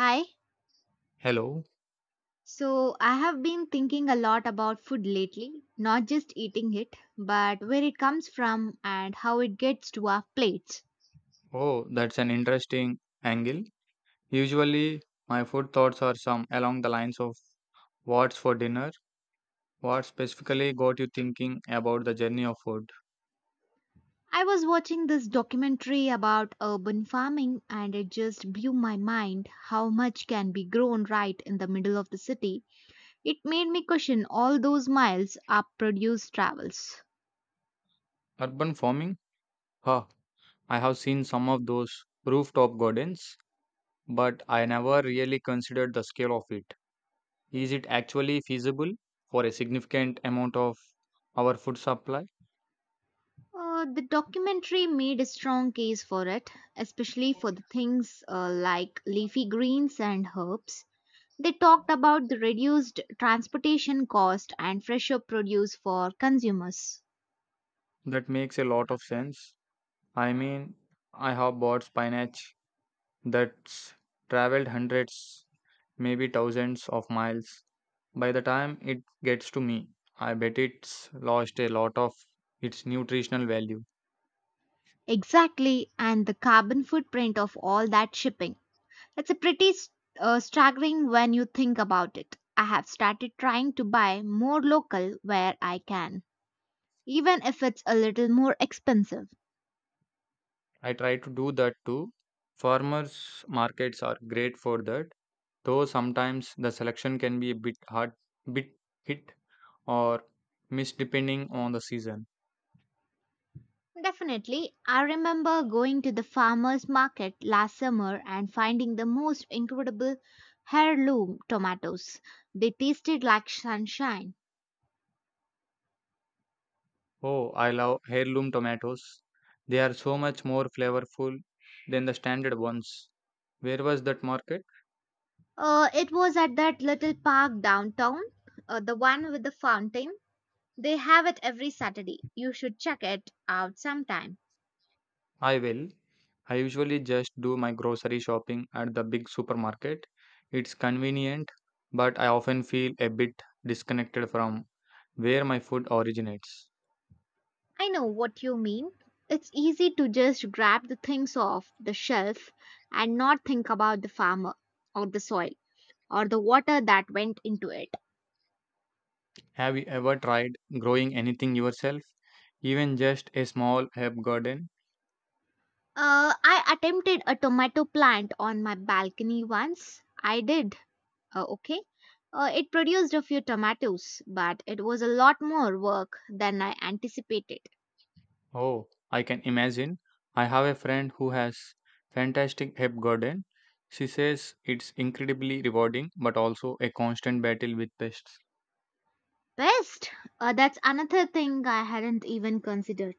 Hi. Hello. So, I have been thinking a lot about food lately, not just eating it, but where it comes from and how it gets to our plates. Oh, that's an interesting angle. Usually, my food thoughts are some along the lines of what's for dinner. What specifically got you thinking about the journey of food? I was watching this documentary about urban farming and it just blew my mind how much can be grown right in the middle of the city. It made me question all those miles our produce travels. Urban farming? Huh. I have seen some of those rooftop gardens, but I never really considered the scale of it. Is it actually feasible for a significant amount of our food supply? The documentary made a strong case for it, especially for the things like leafy greens and herbs. They talked about the reduced transportation cost and fresher produce for consumers. That makes a lot of sense. I mean, I have bought spinach that's traveled hundreds, maybe thousands of miles. By the time it gets to me, I bet it's lost a lot of its nutritional value. Exactly, and the carbon footprint of all that shipping. It's a pretty staggering when you think about it. I have started trying to buy more local where I can, even if it's a little more expensive. I try to do that too. Farmers markets are great for that, though sometimes the selection can be a bit hard, bit hit or miss depending on the season. Definitely. I remember going to the farmer's market last summer and finding the most incredible heirloom tomatoes. They tasted like sunshine. Oh, I love heirloom tomatoes. They are so much more flavorful than the standard ones. Where was that market? It was at that little park downtown, the one with the fountain. They have it every Saturday. You should check it out sometime. I will. I usually just do my grocery shopping at the big supermarket. It's convenient, but I often feel a bit disconnected from where my food originates. I know what you mean. It's easy to just grab the things off the shelf and not think about the farmer or the soil or the water that went into it. Have you ever tried growing anything yourself, even just a small herb garden? I attempted a tomato plant on my balcony once. I did, okay. It produced a few tomatoes, but it was a lot more work than I anticipated. Oh, I can imagine. I have a friend who has fantastic herb garden. She says it's incredibly rewarding but also a constant battle with pests. Pest? That's another thing I hadn't even considered.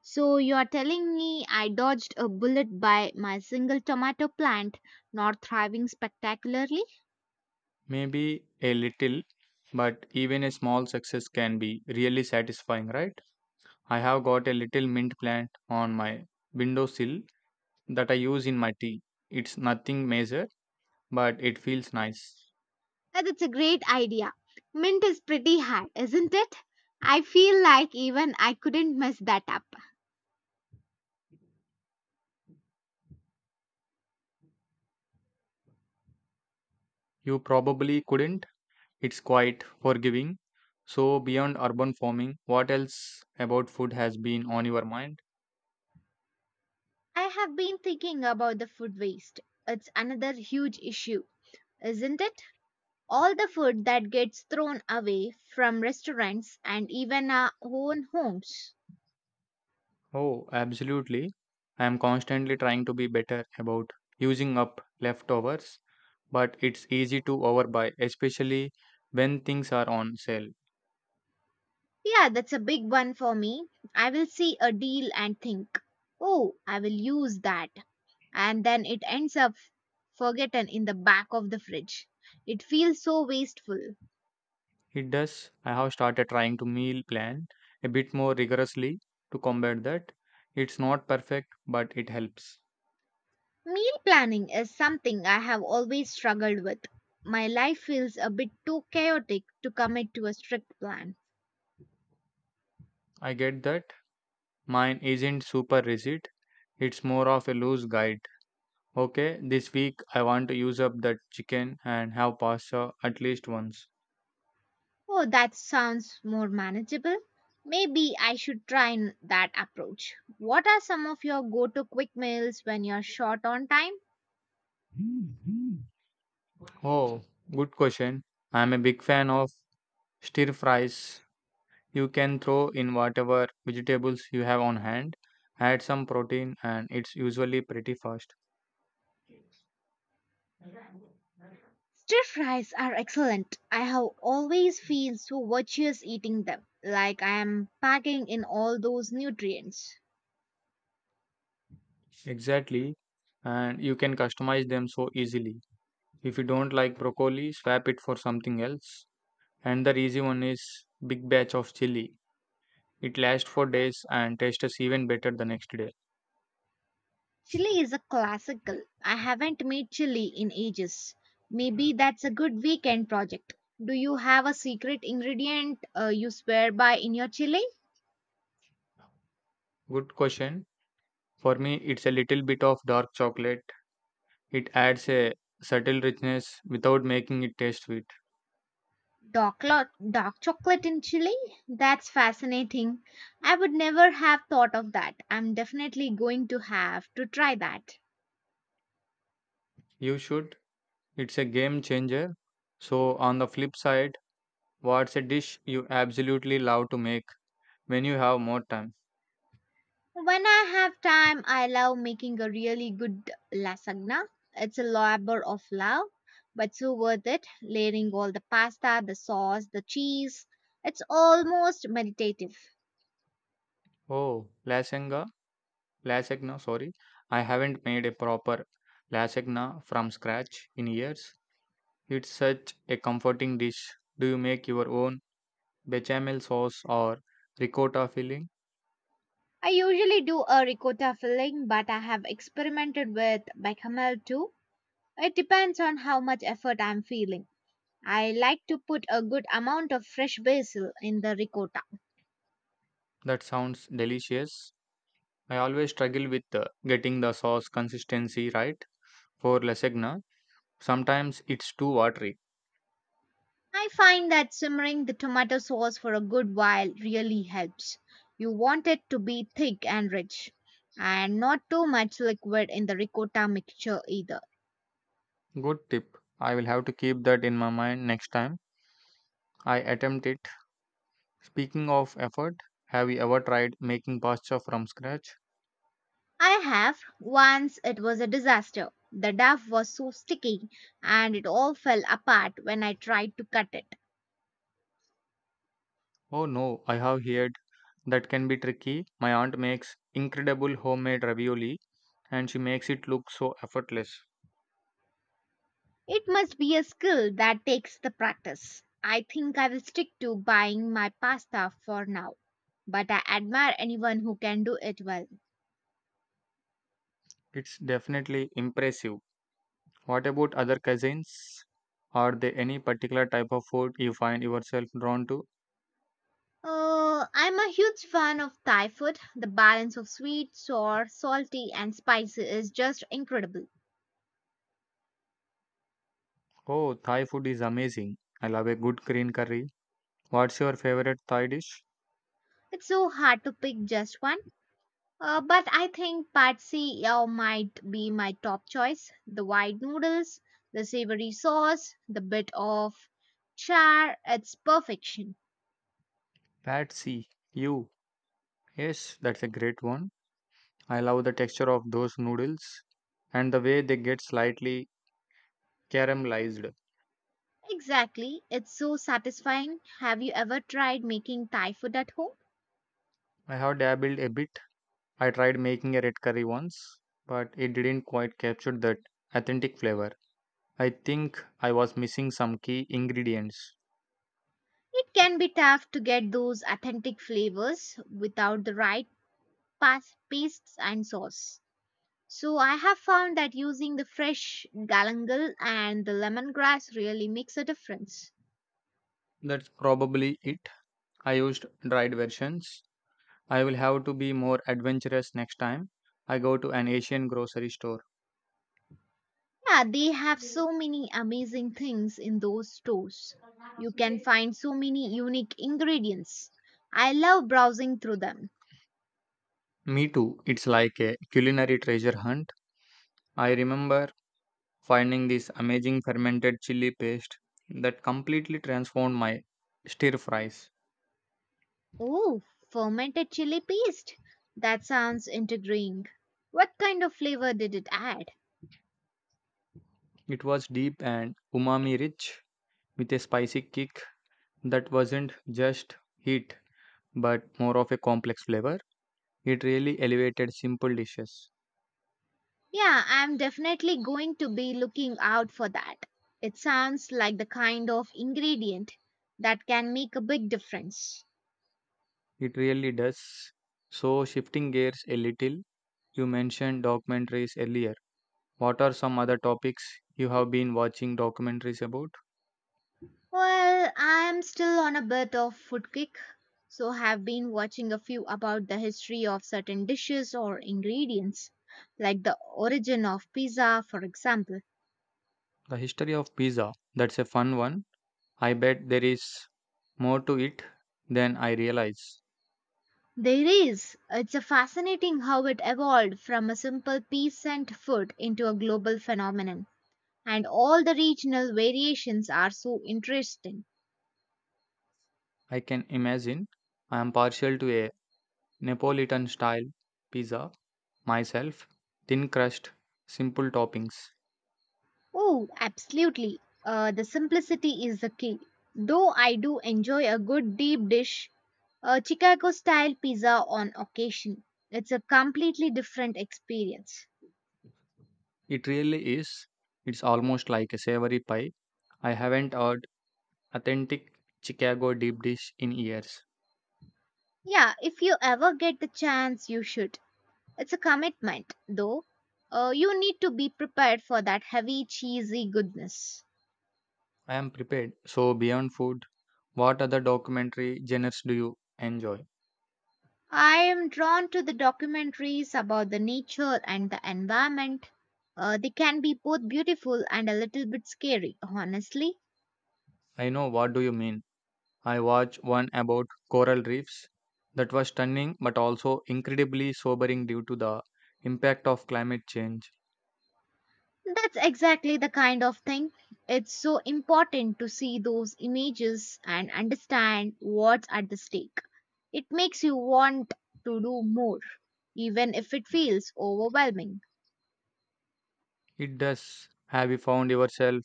So you're telling me I dodged a bullet by my single tomato plant not thriving spectacularly? Maybe a little, but even a small success can be really satisfying, right? I have got a little mint plant on my windowsill that I use in my tea. It's nothing major, but it feels nice. That's a great idea. Mint is pretty hard, isn't it? I feel like even I couldn't mess that up. You probably couldn't. It's quite forgiving. So, beyond urban farming, what else about food has been on your mind? I have been thinking about the food waste. It's another huge issue, isn't it? All the food that gets thrown away from restaurants and even our own homes. Oh, absolutely. I am constantly trying to be better about using up leftovers, but it's easy to overbuy, especially when things are on sale. Yeah, that's a big one for me. I will see a deal and think, oh, I will use that. And then it ends up forgotten in the back of the fridge. It feels so wasteful. It does. I have started trying to meal plan a bit more rigorously to combat that. It's not perfect, but it helps. Meal planning is something I have always struggled with. My life feels a bit too chaotic to commit to a strict plan. I get that. Mine isn't super rigid, it's more of a loose guide. Okay, this week I want to use up that chicken and have pasta at least once. Oh, that sounds more manageable. Maybe I should that approach. What are some of your go to quick meals when you're short on time? Oh, good question. I'm a big fan of stir fries. You can throw in whatever vegetables you have on hand, add some protein, and it's usually pretty fast. Stir fries are excellent. I have always feel so virtuous eating them, like I am packing in all those nutrients. Exactly. And you can customize them so easily. If you don't like broccoli, swap it for something else. And the easy one is big batch of chili. It lasts for days and tastes even better the next day. Chili is a classical. I haven't made chili in ages. Maybe that's a good weekend project. Do you have a secret ingredient you swear by in your chili? Good question. For me, it's a little bit of dark chocolate. It adds a subtle richness without making it taste sweet. Dark, lo- Dark chocolate in chili? That's fascinating. I would never have thought of that. I'm definitely going to have to try that. You should. It's a game changer. So, on the flip side, what's a dish you absolutely love to make when you have more time? When I have time, I love making a really good lasagna. It's a labor of love, but so worth it. Layering all the pasta, the sauce, the cheese. It's almost meditative. Oh, lasagna. Lasagna, sorry. I haven't made a proper lasagna from scratch in years. It's such a comforting dish. Do you make your own bechamel sauce or ricotta filling? I usually do a ricotta filling, but I have experimented with bechamel too. It depends on how much effort I'm feeling. I like to put a good amount of fresh basil in the ricotta. That sounds delicious. I always struggle with getting the sauce consistency right for lasagna. Sometimes it's too watery. I find that simmering the tomato sauce for a good while really helps. You want it to be thick and rich, and not too much liquid in the ricotta mixture either. Good tip. I will have to keep that in my mind next time I attempt it. Speaking of effort, have you ever tried making pasta from scratch? I have once it was a disaster. The dough was so sticky and it all fell apart when I tried to cut it. Oh no, I have heard that can be tricky. My aunt makes incredible homemade ravioli and she makes it look so effortless. It must be a skill that takes the practice. I think I will stick to buying my pasta for now, but I admire anyone who can do it well. It's definitely impressive. What about other cuisines? Are there any particular type of food you find yourself drawn to? I'm a huge fan of Thai food. The balance of sweet, sour, salty, and spicy is just incredible. Oh, Thai food is amazing. I love a good green curry. What's your favorite Thai dish? It's so hard to pick just one. But I think Pad See Ew might be my top choice. The white noodles, the savory sauce, the bit of char, it's perfection. Pad see You. Yes, that's a great one. I love the texture of those noodles and the way they get slightly caramelized. Exactly, it's so satisfying. Have you ever tried making Thai food at home? I have dabbled a bit. I tried making a red curry once, but it didn't quite capture that authentic flavor. I think I was missing some key ingredients. It can be tough to get those authentic flavors without the right pastes and sauce. So I have found that using the fresh galangal and the lemongrass really makes a difference. That's probably it. I used dried versions. I will have to be more adventurous next time I go to an Asian grocery store. Yeah, they have so many amazing things in those stores. You can find so many unique ingredients. I love browsing through them. Me too. It's like a culinary treasure hunt. I remember finding this amazing fermented chili paste that completely transformed my stir fries. Oh, fermented chili paste. That sounds intriguing. What kind of flavor did it add? It was deep and umami rich with a spicy kick that wasn't just heat but more of a complex flavor. It really elevated simple dishes. Yeah, I'm definitely going to be looking out for that. It sounds like the kind of ingredient that can make a big difference. It really does. So, shifting gears a little, you mentioned documentaries earlier. What are some other topics you have been watching documentaries about? Well, I'm still on a bit of food kick, so have been watching a few about the history of certain dishes or ingredients, like the origin of pizza, for example. The history of Pisa. That's a fun one. I bet there is more to it than I realize. There is. It's a fascinating how it evolved from a simple peasant food into a global phenomenon, and all the regional variations are so interesting. I can imagine. I am partial to a Neapolitan style pizza myself. Thin crust, simple toppings. Oh, absolutely. The simplicity is the key. Though I do enjoy a good deep dish, a Chicago style pizza on occasion. It's a completely different experience. It really is. It's almost like a savory pie. I haven't had authentic Chicago deep dish in years. Yeah, if you ever get the chance, you should. It's a commitment, though. You need to be prepared for that heavy, cheesy goodness. I am prepared. So beyond food, what other documentary genres do you enjoy? I am drawn to the documentaries about the nature and the environment. They can be both beautiful and a little bit scary, honestly. I know what do you mean. I watched one about coral reefs that was stunning but also incredibly sobering due to the impact of climate change. That's exactly the kind of thing. It's so important to see those images and understand what's at the stake. It makes you want to do more, even if it feels overwhelming. It does. Have you found yourself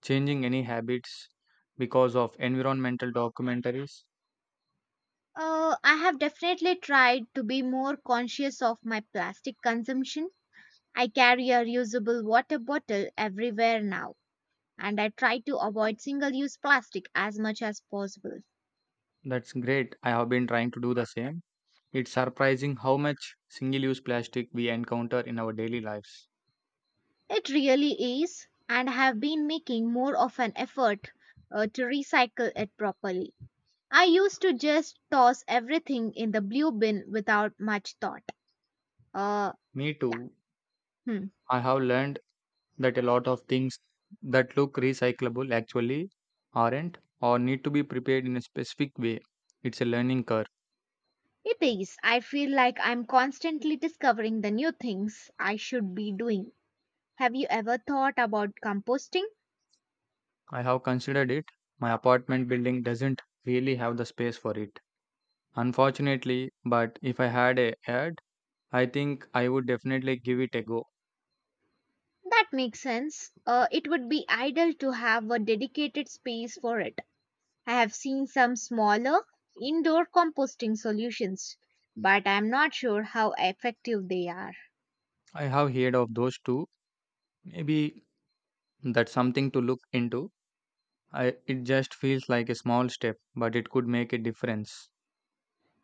changing any habits because of environmental documentaries? I have definitely tried to be more conscious of my plastic consumption. I carry a reusable water bottle everywhere now, and I try to avoid single use plastic as much as possible. That's great. I have been trying to do the same. It's surprising how much single use plastic we encounter in our daily lives. It really is, and I have been making more of an effort to recycle it properly. I used to just toss everything in the blue bin without much thought. Uh, Me yeah, too. hmm. I have learned that a lot of things that look recyclable actually aren't or need to be prepared in a specific way. It's a learning curve. It is. I feel like I'm constantly discovering the new things I should be doing. Have you ever thought about composting? I have considered it. My apartment building doesn't really have the space for it, unfortunately, but if I had a yard, I think I would definitely give it a go. That makes sense. It would be ideal to have a dedicated space for it. I have seen some smaller indoor composting solutions, but I'm not sure how effective they are. I have heard of those two. Maybe that's something to look into. I, it just feels like a small step, but it could make a difference.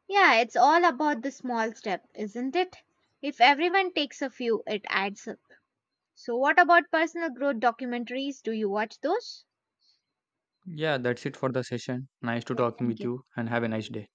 Yeah, it's all about the small step, isn't it? If everyone takes a few, it adds up. So, what about personal growth documentaries? Do you watch those? Yeah, that's it for the session. Nice to Yeah, talking thank with you. you and have a nice day.